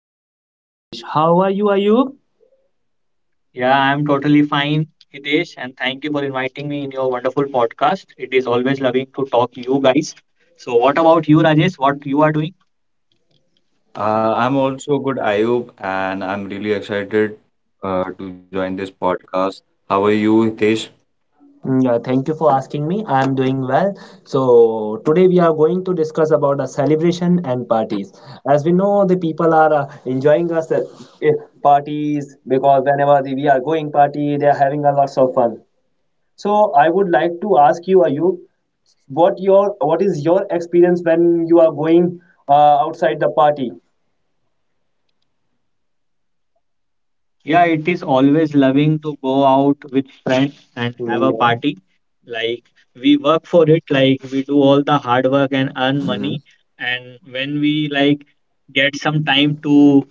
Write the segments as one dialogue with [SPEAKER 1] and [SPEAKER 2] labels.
[SPEAKER 1] and Rajesh. How are you, Ayub?
[SPEAKER 2] Yeah, I'm totally fine, Hitesh, and thank you for inviting me in your wonderful podcast. It is always loving to talk you guys. So, what about you, Rajesh? What you are doing?
[SPEAKER 3] I'm also good, Ayub, and I'm really excited to join this podcast. How are you, Hitesh?
[SPEAKER 1] Thank you for asking me. I'm doing well. So today we are going to discuss about a celebration and parties. As we know, the people are enjoying us eh, parties because we are going party, they are having a lots of fun. So I would like to ask you, Ayub, what is your experience when you are going outside the party?
[SPEAKER 2] Yeah, it is always loving to go out with friends and have
[SPEAKER 1] Mm,
[SPEAKER 2] a
[SPEAKER 1] yeah.
[SPEAKER 2] party. Like we work for it, like we do all the hard work and earn
[SPEAKER 1] Mm.
[SPEAKER 2] money. And when we like get some time to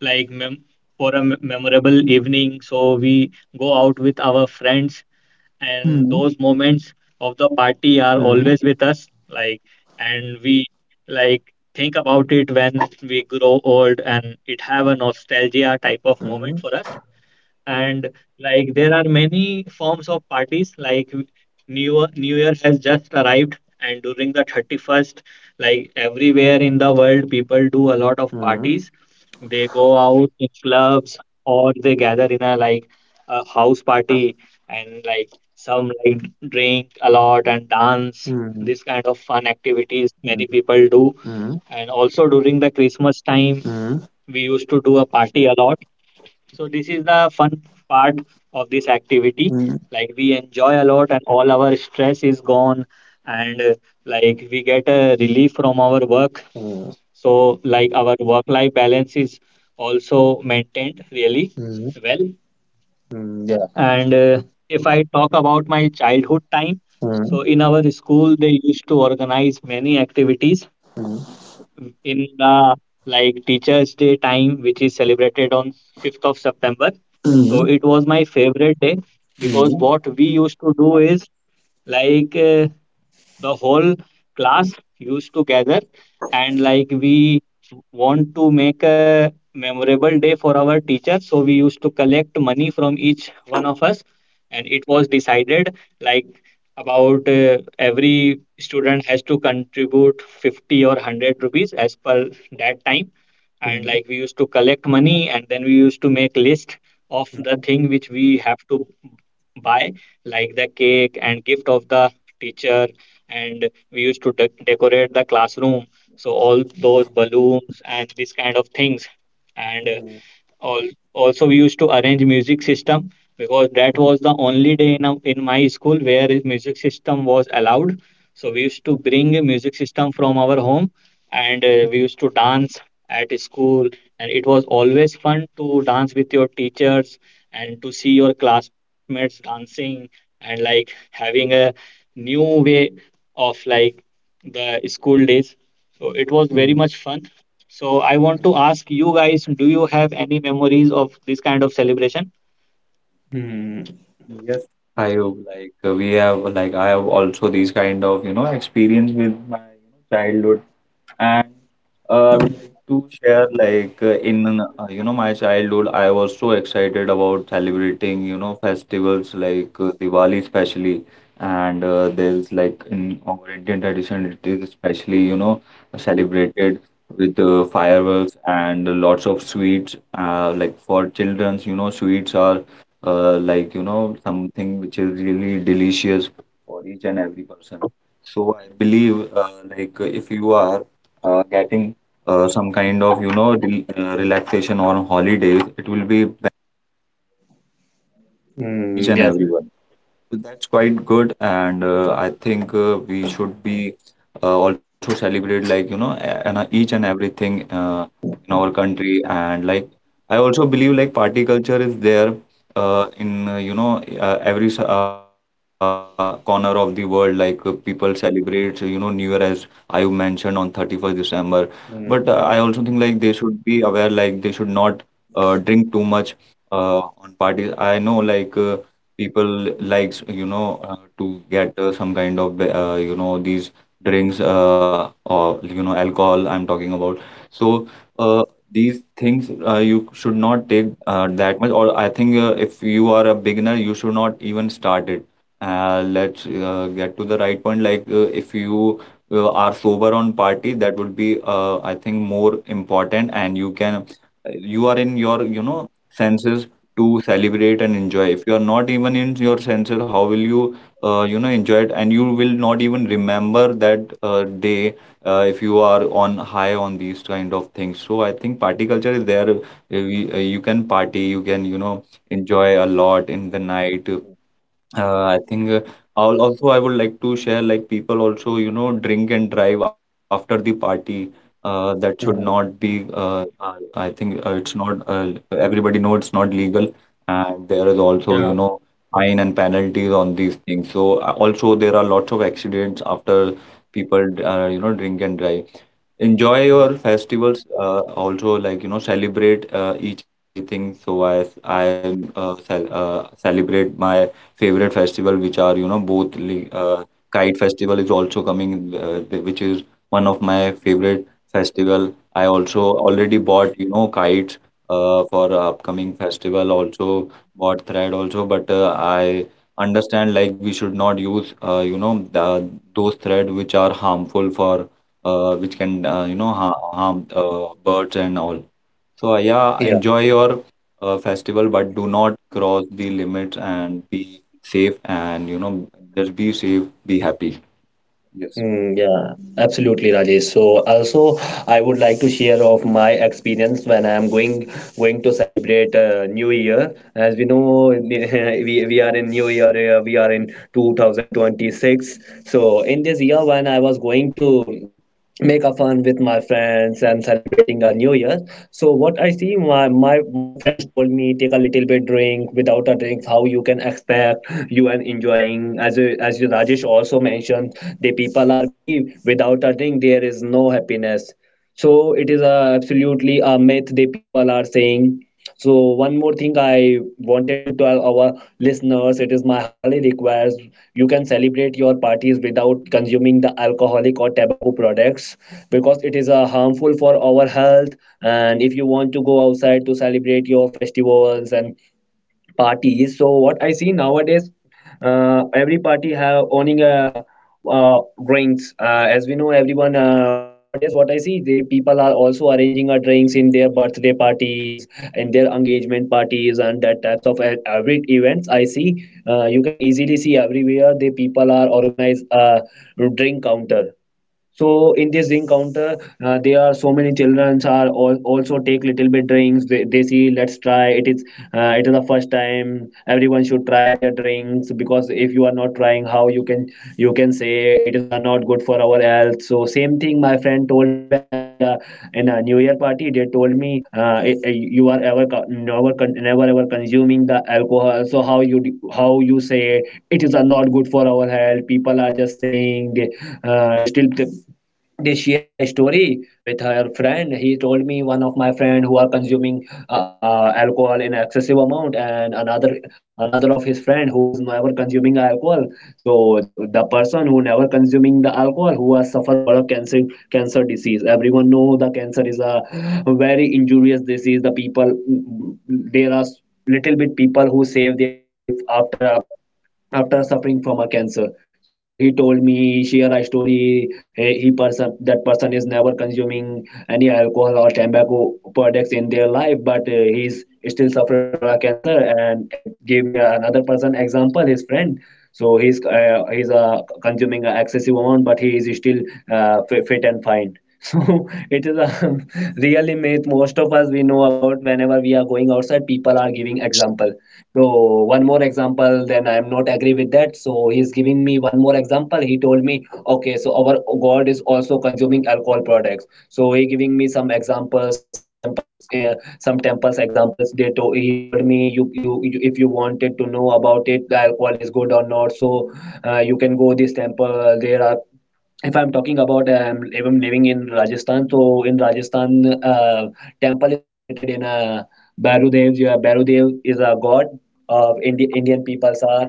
[SPEAKER 2] like mem for a memorable evening, so we go out with our friends, and
[SPEAKER 1] Mm-hmm.
[SPEAKER 2] those moments of the party are always with us, like, and we like think about it when we grow old, and it have a nostalgia type of
[SPEAKER 1] Mm.
[SPEAKER 2] moment for us. And like there are many forms of parties. Like new year has just arrived, and during the 31st, like everywhere in the world people do a lot
[SPEAKER 1] Mm.
[SPEAKER 2] of
[SPEAKER 1] Mm.
[SPEAKER 2] parties. They go out in clubs or they gather in a like a house party, and like some like drink a lot and dance.
[SPEAKER 1] Mm. Mm.
[SPEAKER 2] This kind of fun activities
[SPEAKER 1] Mm.
[SPEAKER 2] many people do.
[SPEAKER 1] Mm.
[SPEAKER 2] And also during the Christmas time, we used to do a party a lot. So this is the fun part of this activity. Like we enjoy a lot and all our stress is gone, and like we get a relief from our work.
[SPEAKER 1] Mm.
[SPEAKER 2] So like our work life balance is also maintained really
[SPEAKER 1] Mm.
[SPEAKER 2] well.
[SPEAKER 1] Mm. Mm. Yeah.
[SPEAKER 2] And if I talk about my childhood time,
[SPEAKER 1] Mm.
[SPEAKER 2] so in our school they used to organize many activities
[SPEAKER 1] Mm.
[SPEAKER 2] in the like Teachers Day time, which is celebrated on 5th of September.
[SPEAKER 1] Mm.
[SPEAKER 2] So
[SPEAKER 1] Mm.
[SPEAKER 2] it was my favorite day
[SPEAKER 1] Mm.
[SPEAKER 2] because
[SPEAKER 1] Mm.
[SPEAKER 2] what we used to do is like the whole class used to gather, and like we want to make a memorable day for our teacher, so we used to collect money from each one of us. And it was decided, like, about every student has to contribute 50 or 100 rupees as per that time. And like we used to collect money and then we used to make list of the thing which we have to buy, like the cake and gift of the teacher. And we used to decorate the classroom, so all those balloons and this kind of things. And also we used to arrange music system because
[SPEAKER 1] Mm.
[SPEAKER 2] that was the only day in, in my school where is music system was allowed. So we used to
[SPEAKER 1] Mm.
[SPEAKER 2] bring a music system from our home, and we used to dance at school. And it was always fun to dance with your teachers and to see your classmates dancing and like having a new way of like the school days, so it was very much fun. So I want to ask you guys, do you have any memories of this kind of celebration?
[SPEAKER 1] Mm.
[SPEAKER 3] Yes. Ayub, we have, like I have also these kind of, you know, experience with my you know, childhood. And I would like to share like in you know my childhood, I was so excited about celebrating you know festivals Diwali especially, and there's like in our Indian tradition it is especially you know celebrated with fireworks and lots of sweets. Like for childrens, you know sweets are like you know something which is really delicious for each and every person. So I believe if you are getting some kind of you know relaxation on holidays, it will be beneficial for each
[SPEAKER 1] Mm.
[SPEAKER 3] and
[SPEAKER 1] Yes.
[SPEAKER 3] everyone. That's quite good, and I think we should be also celebrate like you know a- and each and everything in our country, and like I also believe like party culture is there in you know every corner of the world. People celebrate you know New Year as I mentioned on 31st December, but I also
[SPEAKER 1] Mm.
[SPEAKER 3] think like they should be aware like they should not drink too much uh, on parties. I know like. People likes you know to get some kind of you know these drinks or you know alcohol I'm talking about so uh, these things you should not take that much, or I think if you are a beginner you should not even start it. Let's get to the right point. Like if you are sober on party, that would be I think more important, and you can you are in your you know senses to celebrate and enjoy. If you are not even in your senses, how will you, you know, enjoy it? And you will not even remember that day if you are on high on these kind of things. So I think party culture is there. You can party, you can, you know, enjoy a lot in the night. I think I would like to share like people also you know drink and drive after the party. That should not
[SPEAKER 1] Mm.
[SPEAKER 3] be. I think it's not. Everybody knows it's not legal, and there is
[SPEAKER 2] Yeah.
[SPEAKER 3] also you know fine and penalties on these things. So also there are lots of accidents after people you know drink and drive. Enjoy your
[SPEAKER 1] Mm.
[SPEAKER 3] festivals also like you know celebrate each and everything, so I celebrate my favorite festival, which are you know both kite festival is also coming which is one of my favorite festival. I also already bought you know kites for upcoming festival, also bought thread also, but I understand like we should not use you know the, those thread which are harmful for which can you know ha harm birds and all. So yeah,
[SPEAKER 1] Yeah.
[SPEAKER 3] enjoy your festival, but do not cross the limits and be safe, and you know just be safe, be happy. Yes.
[SPEAKER 1] Yeah, absolutely, Rajesh. So also, I would like to share of my experience when I am going to celebrate New Year. As we know, we are in New Year. We are in 2026. So in this year, when I was going to make a fun with my friends and celebrating a new year. So what I see, my friends told me, take a little bit drink. Without a drink how you can expect you and enjoying? As as you, Rajesh, also mentioned, the people are believe, without a drink there is no happiness. So it is absolutely a myth the people are saying. So one more thing I wanted to tell our listeners: it is my humble request, you can celebrate your parties without consuming the alcoholic or tobacco products, because it is harmful for our health. And if you want to go outside to celebrate your festivals and parties, so what I see nowadays, every party have owning a uh, drinks. As we know, everyone, nowadays, what I see, they, people are also arranging a drinks in their birthday parties, in their engagement parties, and that types of every events I see, you can easily see everywhere the people are organize a drink counter. So in this drink counter, there are so many children are also take little bit drinks. They see, let's try. It is the first time. Everyone should try their drinks, because if you are not trying, how you can say it is not good for our health. So same thing my friend told me when we are in a New Year party. They told me, you are ever co- never con- never ever consuming the alcohol. So how you say it is are not good for our health? People are just saying. uh, still th- they share a story with her friend. He told me, one of my friend who are consuming alcohol in excessive amount, and another of his friend who is never consuming alcohol. So the person who never consuming the alcohol, who has suffered for a cancer. Cancer disease, everyone know the cancer is a very injurious disease. The people, there are little bit people who save their life after a after suffering from a cancer. So he told me, he shared a story. He, he person that person is never consuming any alcohol or tobacco products in their life, but he's still suffering from a cancer, and gave me another person example, his friend. So he's consuming an excessive amount, but he is still fit and fine. So it is a really myth. Most of us we know about, whenever we are going outside, people are giving example. So one more example, then I am not agree with that. So he is giving me one more example. He told me, okay, so our God is also consuming alcohol products. So he giving me some examples, some temples examples. He told me, you, if you wanted to know about it, the alcohol is good or not. So you can go this temple. There are, if I'm talking about if I'm living in Rajasthan, so in Rajasthan, temple is situated in Bairudev. Yeah, Bairudev is a god of Indian peoples are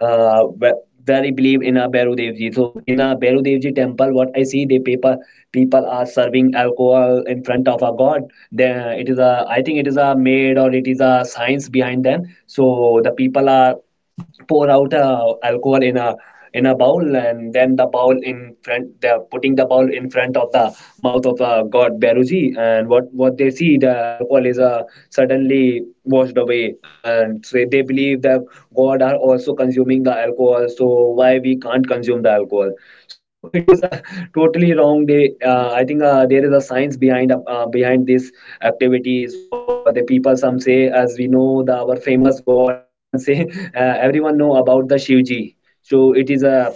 [SPEAKER 1] uh, ve- very believe in a Bairudev ji. So in a Bairudev ji temple, what I see, the people people are serving alcohol in front of a god. Then it is a, I think it is a made, or it is a science behind them. So the people are pour out alcohol in a bowl, and then they're putting the bowl in front of the mouth of god Beruji, and what they see, the alcohol is suddenly washed away, and so they believe that god are also consuming the alcohol. So why we can't consume the alcohol? So it is a totally wrong day. I think there is a science behind behind these activities, or the people some say. As we know, the our famous god, and we can say, everyone know about the Shivji. So it is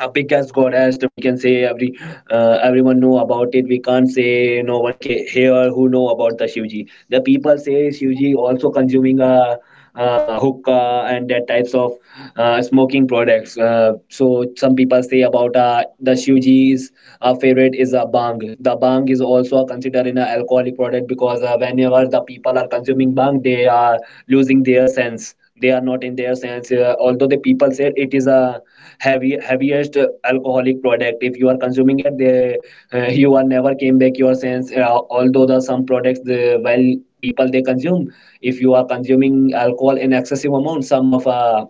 [SPEAKER 1] a big as goddess, we can say. Everyone know about it, we can't say no one can here who know about the Shivji. The people say Shivji also consuming a hookah and that types of smoking products. So some people say about the Shivji's favorite is a bang. The bang is also considered in an alcoholic product, because whenever the people are consuming bang, they are losing their sense, they are not in their sense. Although the people said it is a heavy heaviest alcoholic product, if you are consuming it they, you are never came back your sense. Although the some products, the while people they consume, if you are consuming alcohol in excessive amount, some of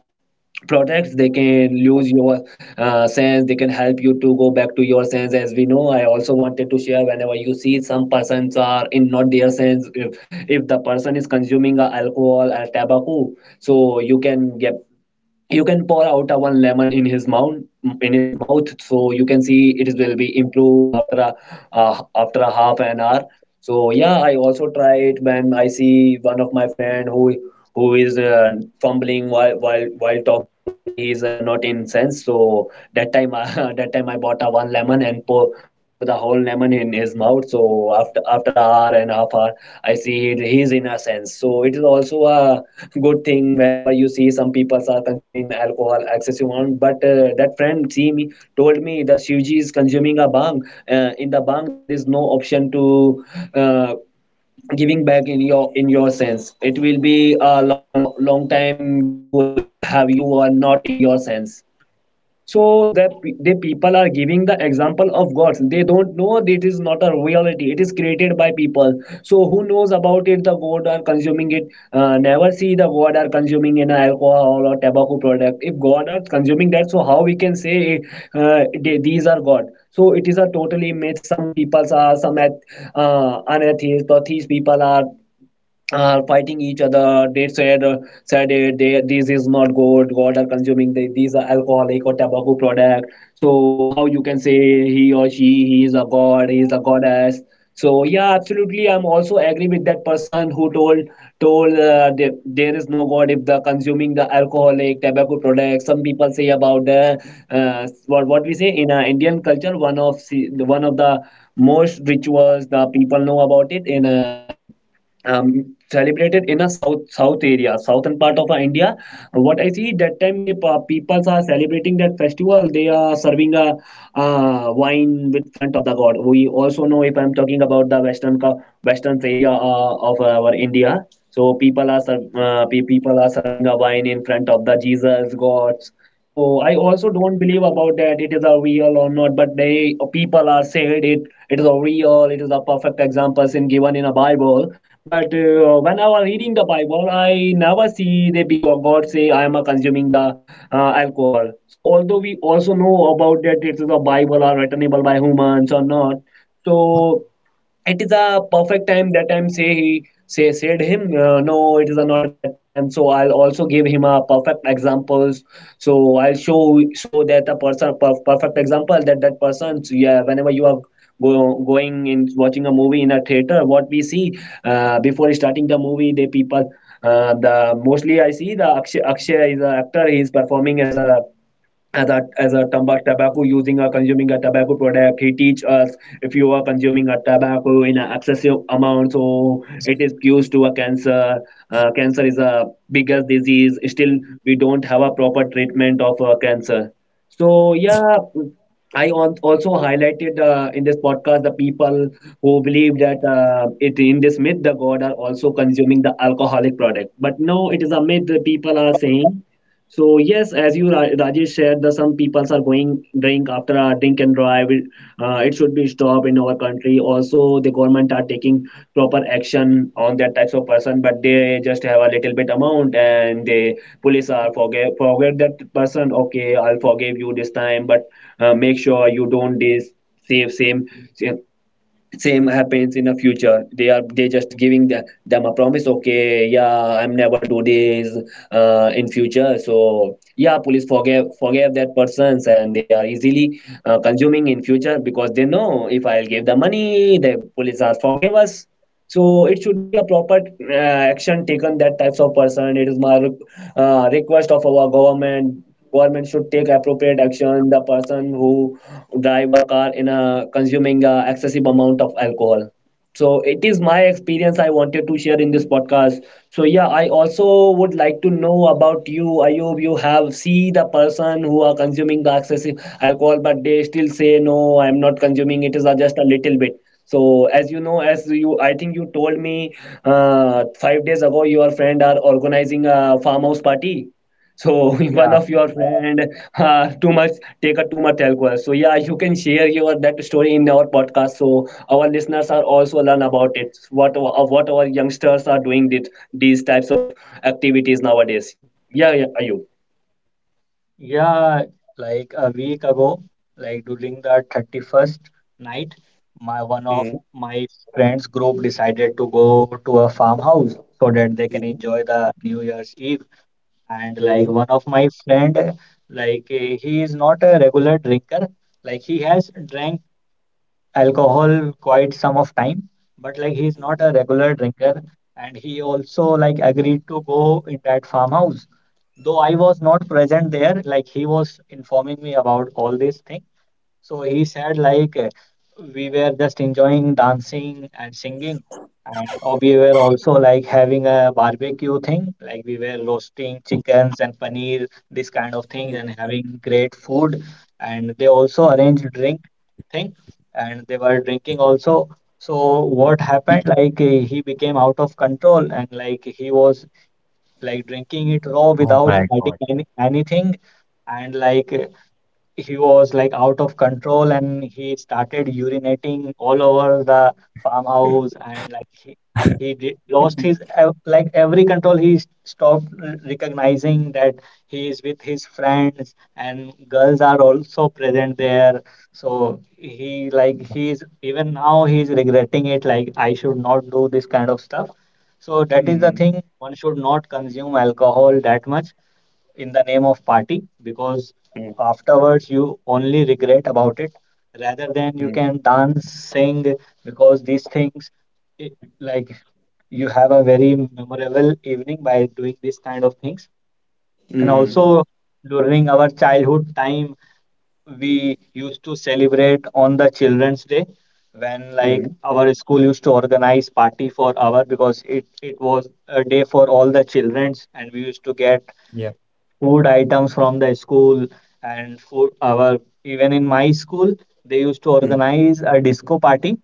[SPEAKER 1] products they can lose your sense, they can help you to go back to your sense. As we know, I also wanted to share, whenever you see some persons are in not their sense, if the person is consuming a alcohol or tobacco, so you can pour out a one lemon in his mouth in his mouth. So you can see it will be improve after a after a half an hour. So yeah, I also try it. When I see one of my friend who is fumbling while talking, I see he's not in sense. So that time, that time I bought a one lemon and pour the whole lemon in his mouth. So after an hour and a half hour, I see it, he's in a sense. So it is also a good thing whenever you see some people are consuming alcohol excessive amount. But that friend see me, told me that Shivji is consuming a bang. In the bang there is no option to. Uh, Giving back in your sense, it will be a long time you have you are not in your sense. So the people are giving the example of gods, they don't know that it is not a reality, it is created by people. So who knows about it, the god are consuming it? Never see the god are consuming in alcohol or tobacco product. If god are consuming that, so how we can say these are god? So it is a totally myth. Some peoples are, unatheist or atheist people are fighting each other. They said, this is not good, god are consuming these are alcoholic or tobacco product. So how you can say he or she, he is a god, he is a goddess? So yeah, absolutely, I'm also agree with that person who told, there is no god if the consuming the alcoholic tobacco products. Some people say about the what we say in Indian culture. One of the most rituals the people know about it in celebrated in a south area, southern part of India. What I see that time, they peoples are celebrating that festival, they are serving a wine with front of the god. We also know, if I'm talking about the western area of our India, so people are people are serving a wine in front of the Jesus gods. So I also don't believe about that, it is a real or not, but they people are said it, it is a real, it is a perfect examples in given in a Bible. But when I was reading the Bible, I never see the big god God say I am a consuming the alcohol. So although we also know about that, it is a bible or returnable by humans or not. So it is a perfect time that time say he say said him no, it is not that time, so I'll also give him a perfect examples. So I'll show that a person perfect example that that person. So, yeah, whenever you are going in watching a movie in a theater, what we see? Before starting the movie, the people, the mostly I see the Akshay is an actor, he is performing as a as a tobacco using or consuming a tobacco product. He teach us, if you are consuming a tobacco in an excessive amount, so it is used to a cancer. Cancer is a biggest disease, still we don't have a proper treatment of cancer. So yeah, I also highlighted in this podcast, the people who believe that it in this myth, the god are also consuming the alcoholic product, but no, it is a myth that people are saying. So yes, as you Rajesh shared, the some people are going drink after a drink and drive. It should be stopped in our country. Also, the government are taking proper action on that types of person, but they just have a little bit amount, and the police are forget that person, okay, I'll forgive you this time, but make sure you don't this save same same happens in the future. They are they just giving the, them a promise, okay, yeah, I'm never do this in future. So yeah, police forgive that persons, and they are easily consuming in future, because they know if I'll give the money, the police are forgive us. So it should be a proper action taken that types of person. It is my request of our government, government should take appropriate action the person who drive a car in a consuming a excessive amount of alcohol. So it is my experience, I wanted to share in this podcast. So yeah, I also would like to know about you, Ayub. You have see the person who are consuming the excessive alcohol, but they still say no, I'm not consuming, it is just a little bit. So as you know, as you, I think you told me 5 days ago, your friend are organizing a farmhouse party. So if one
[SPEAKER 2] Yeah,
[SPEAKER 1] of your friend too much take a too much alcohol. So yeah, you can share your that story in our podcast. So our listeners are also learn about it. What our youngsters are doing this, these types of activities nowadays. Yeah, yeah, are you?
[SPEAKER 2] yeah, like a week ago, like during the 31st night, my one of
[SPEAKER 1] Mm,
[SPEAKER 2] my friends group decided to go to a farmhouse so that they can
[SPEAKER 1] mm,
[SPEAKER 2] enjoy the New Year's Eve. And like
[SPEAKER 1] mm,
[SPEAKER 2] one of my friend, like eh, he is not a regular drinker, like he has drank alcohol quite some of time, but like he's not a regular drinker, and he also like agreed to go in that farmhouse. Though I was not present there, like he was informing me about all these things. So he said, like, we were just enjoying dancing and singing, and we were also like having a barbecue thing, like, we were roasting chickens and paneer, this kind of thing, and having great food. And they also arranged drink thing, and they were drinking also. So, what happened? Like, he became out of control, and like, he was like drinking it
[SPEAKER 3] Oh
[SPEAKER 2] raw
[SPEAKER 3] my
[SPEAKER 2] without
[SPEAKER 3] God.
[SPEAKER 2] adding anything, and like, he was like out of control and he started urinating all over the farmhouse. And like he did, lost his like every control. He stopped recognizing that he is with his friends and girls are also present there. So he like he's even now he's regretting it, like I should not do this kind of stuff. So that is the
[SPEAKER 1] mm,
[SPEAKER 2] thing, one should not consume alcohol that much in the name of party, because
[SPEAKER 1] mm,
[SPEAKER 2] afterwards you only regret about it rather than you can dance, sing, because these things it, like you have a very memorable evening by doing this kind of things.
[SPEAKER 1] mm,
[SPEAKER 2] And
[SPEAKER 1] mm,
[SPEAKER 2] also during our childhood time, we used to celebrate on the Children's Day when like our school used to organize party for our, because it was a day for all the childrens, and we used to get
[SPEAKER 3] Yeah.
[SPEAKER 2] food items from the school and food our. Even in my school they used to
[SPEAKER 1] mm, mm,
[SPEAKER 2] organize a disco party.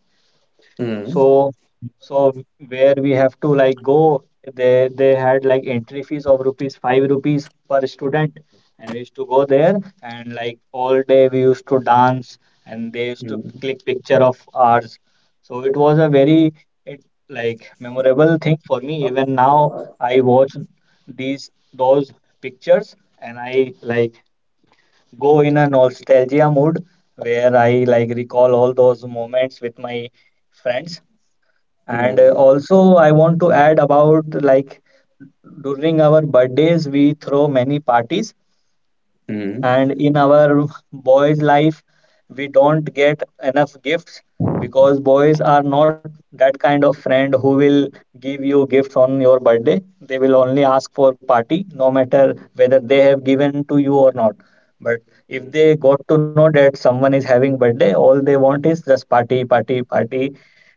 [SPEAKER 1] mm,
[SPEAKER 2] so, so where we have to like go, they had like entry fees of rupees five rupees per student, and we used to go there, and like all day we used to dance, and they used to click picture of ours. So it was a very it, like memorable thing for me. Even now, I watch these those pictures, and I like go in a nostalgia mood where I like recall all those moments with my friends.
[SPEAKER 1] mm,
[SPEAKER 2] And
[SPEAKER 1] mm,
[SPEAKER 2] also, I want to add about, like, during our birthdays, we throw many parties.
[SPEAKER 1] mm.
[SPEAKER 2] And in our boys life, we don't get enough gifts because boys are not that kind of friend who will give you gifts on your birthday. They will only ask for party, no matter whether they have given to you or not. But if they got to know that someone is having birthday, all they want is just party, party, party.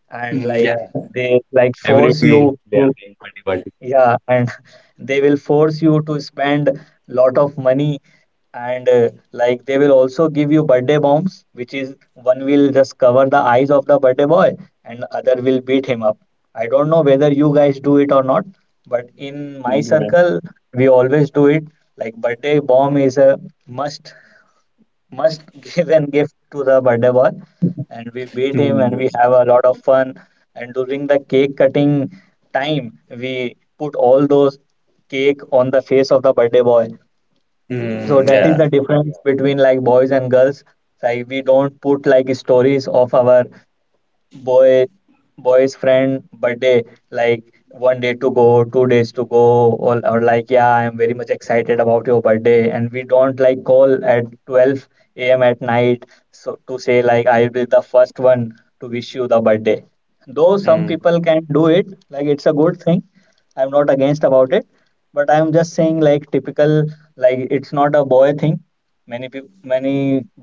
[SPEAKER 2] And
[SPEAKER 1] Mm,
[SPEAKER 2] like
[SPEAKER 1] yeah,
[SPEAKER 2] they like
[SPEAKER 3] Every
[SPEAKER 2] force
[SPEAKER 3] day,
[SPEAKER 2] you to,
[SPEAKER 3] party, party.
[SPEAKER 2] yeah, and they will force you to spend lot of money. And like they will also give you birthday bombs, which is one will just cover the eyes of the birthday boy and other will beat him up. I don't know whether you guys do it or not, but in my
[SPEAKER 1] yeah,
[SPEAKER 2] circle, we always do it. Like birthday bomb is a must must give and gift to the birthday boy. And we beat him and we
[SPEAKER 1] mm,
[SPEAKER 2] have a lot of fun. And during the cake cutting time, we put all those cake on the face of the birthday boy.
[SPEAKER 3] Yeah.
[SPEAKER 2] So
[SPEAKER 1] mm,
[SPEAKER 2] that is
[SPEAKER 1] yeah,
[SPEAKER 2] the difference between like boys and girls. Like we don't put like stories of our boy boy's friend birthday, like one day to go, 2 days to go, or like yeah I'm very much excited about your birthday. And we don't like call at 12 a.m. at night so to say like I'll be the first one to wish you the birthday. Though some
[SPEAKER 1] mm,
[SPEAKER 2] people can do it, like it's a good thing, I'm not against about it, but I'm just saying like typical, like it's not a boy thing. Many people, many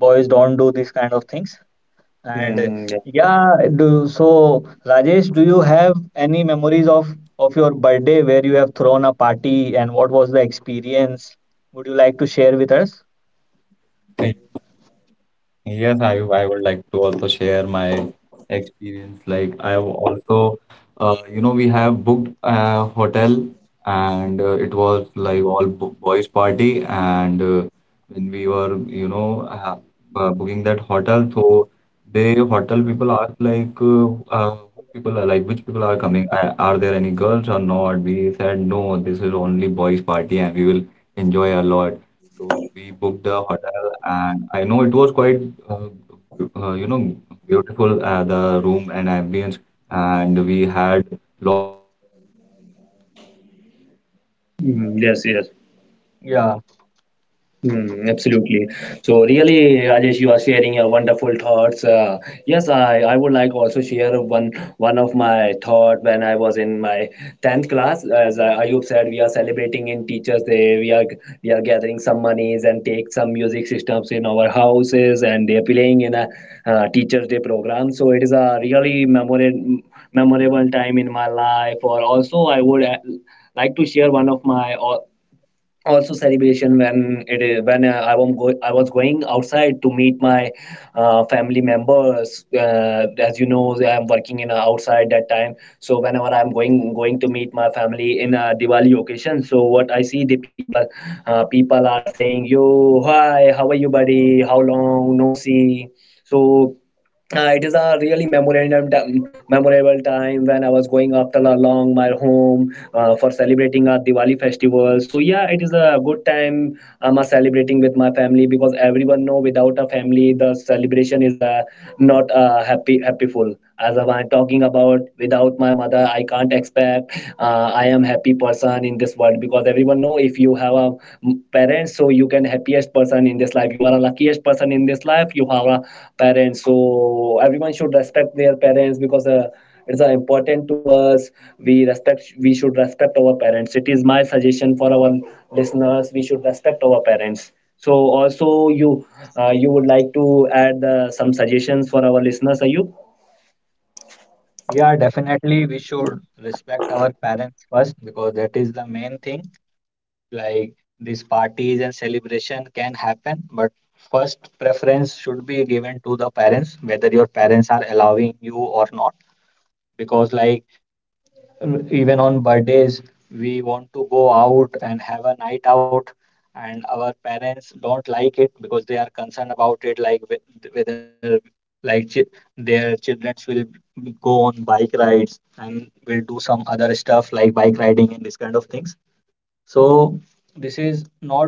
[SPEAKER 2] boys don't do these kind of things. And
[SPEAKER 1] mm, yeah,
[SPEAKER 2] yeah, do, so Rajesh, do you have any memories of your birthday where you have thrown a party and what was the experience? Would you like to share with us?
[SPEAKER 3] Yes, I would like to also share my experience. Like I have also, you know, we have booked a hotel, and it was like all bo boys party, and when we were, you know, booking that hotel, so the hotel people asked like, who people are like, which people are coming? Are there any girls or not? We said no, this is only boys party and we will enjoy a lot. So we booked a hotel, and I know it was quite, uh, you know,
[SPEAKER 1] mm, yes, yes.
[SPEAKER 2] Yeah,
[SPEAKER 1] Hmm. Absolutely. So really, Rajesh, you are sharing your wonderful thoughts. Yes, I would like also share one one of my thought when I was in my tenth class. As Ayub said, we are celebrating in Teachers Day. We are gathering some monies and take some music systems in our houses, and they are playing in a Teachers Day program. So it is a really memorable time in my life. Or also, I would like to share one of my also celebration, when it is when I was going outside to meet my family members. As you know, I'm working in a outside that time. So whenever I'm going to meet my family in a Diwali occasion, so what I see the people, people are saying, "Yo, hi, how are you, buddy? How long no see?" So it is a really memorable time when I was going after a long my home for celebrating our Diwali festival. So yeah, it is a good time. I'm celebrating with my family because everyone know without a family the celebration is not happyful, as I was talking about, without my mother, I can't expect I am happy person in this world, because everyone know if you have a parents, so you can happiest person in this life. You are a luckiest person in this life. You have a parent, so everyone should respect their parents because. It's important to us, we should respect our parents, it is my suggestion for our listeners, we should respect our parents. So also you you would like to add some suggestions for our listeners, Ayub?
[SPEAKER 2] yeah, definitely. We should respect our parents first because that is the main thing. Like these parties and celebration can happen, but first preference should be given to the parents, whether your parents are allowing you or not. Because like even on birthdays we want to go out and have a night out, and our parents don't like it because they are concerned about it, like whether like their children will go on bike rides and will do some other stuff like bike riding and this kind of things. So this is not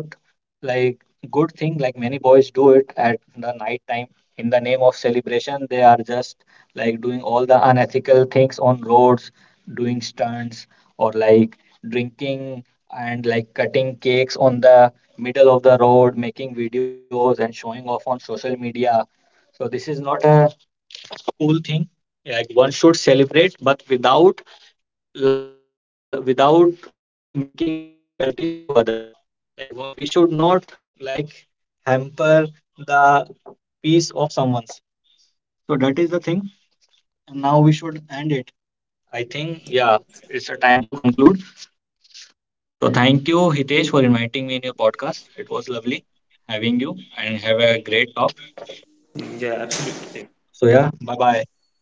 [SPEAKER 2] like good thing. Like many boys do it at the night time in the name of celebration. They are just like doing all the unethical things on roads, doing stunts or like drinking and like cutting cakes on the middle of the road, making videos and showing off on social media. So this is not a cool thing. Like one should celebrate, but without without making difficulties to other, like we should not like hamper the peace of someone's. So that is the thing, and now we should end it, I think. Yeah, it's a time to conclude. So thank you, Hitesh, for inviting me in your podcast. It was lovely having you and have a great talk. So yeah, bye bye.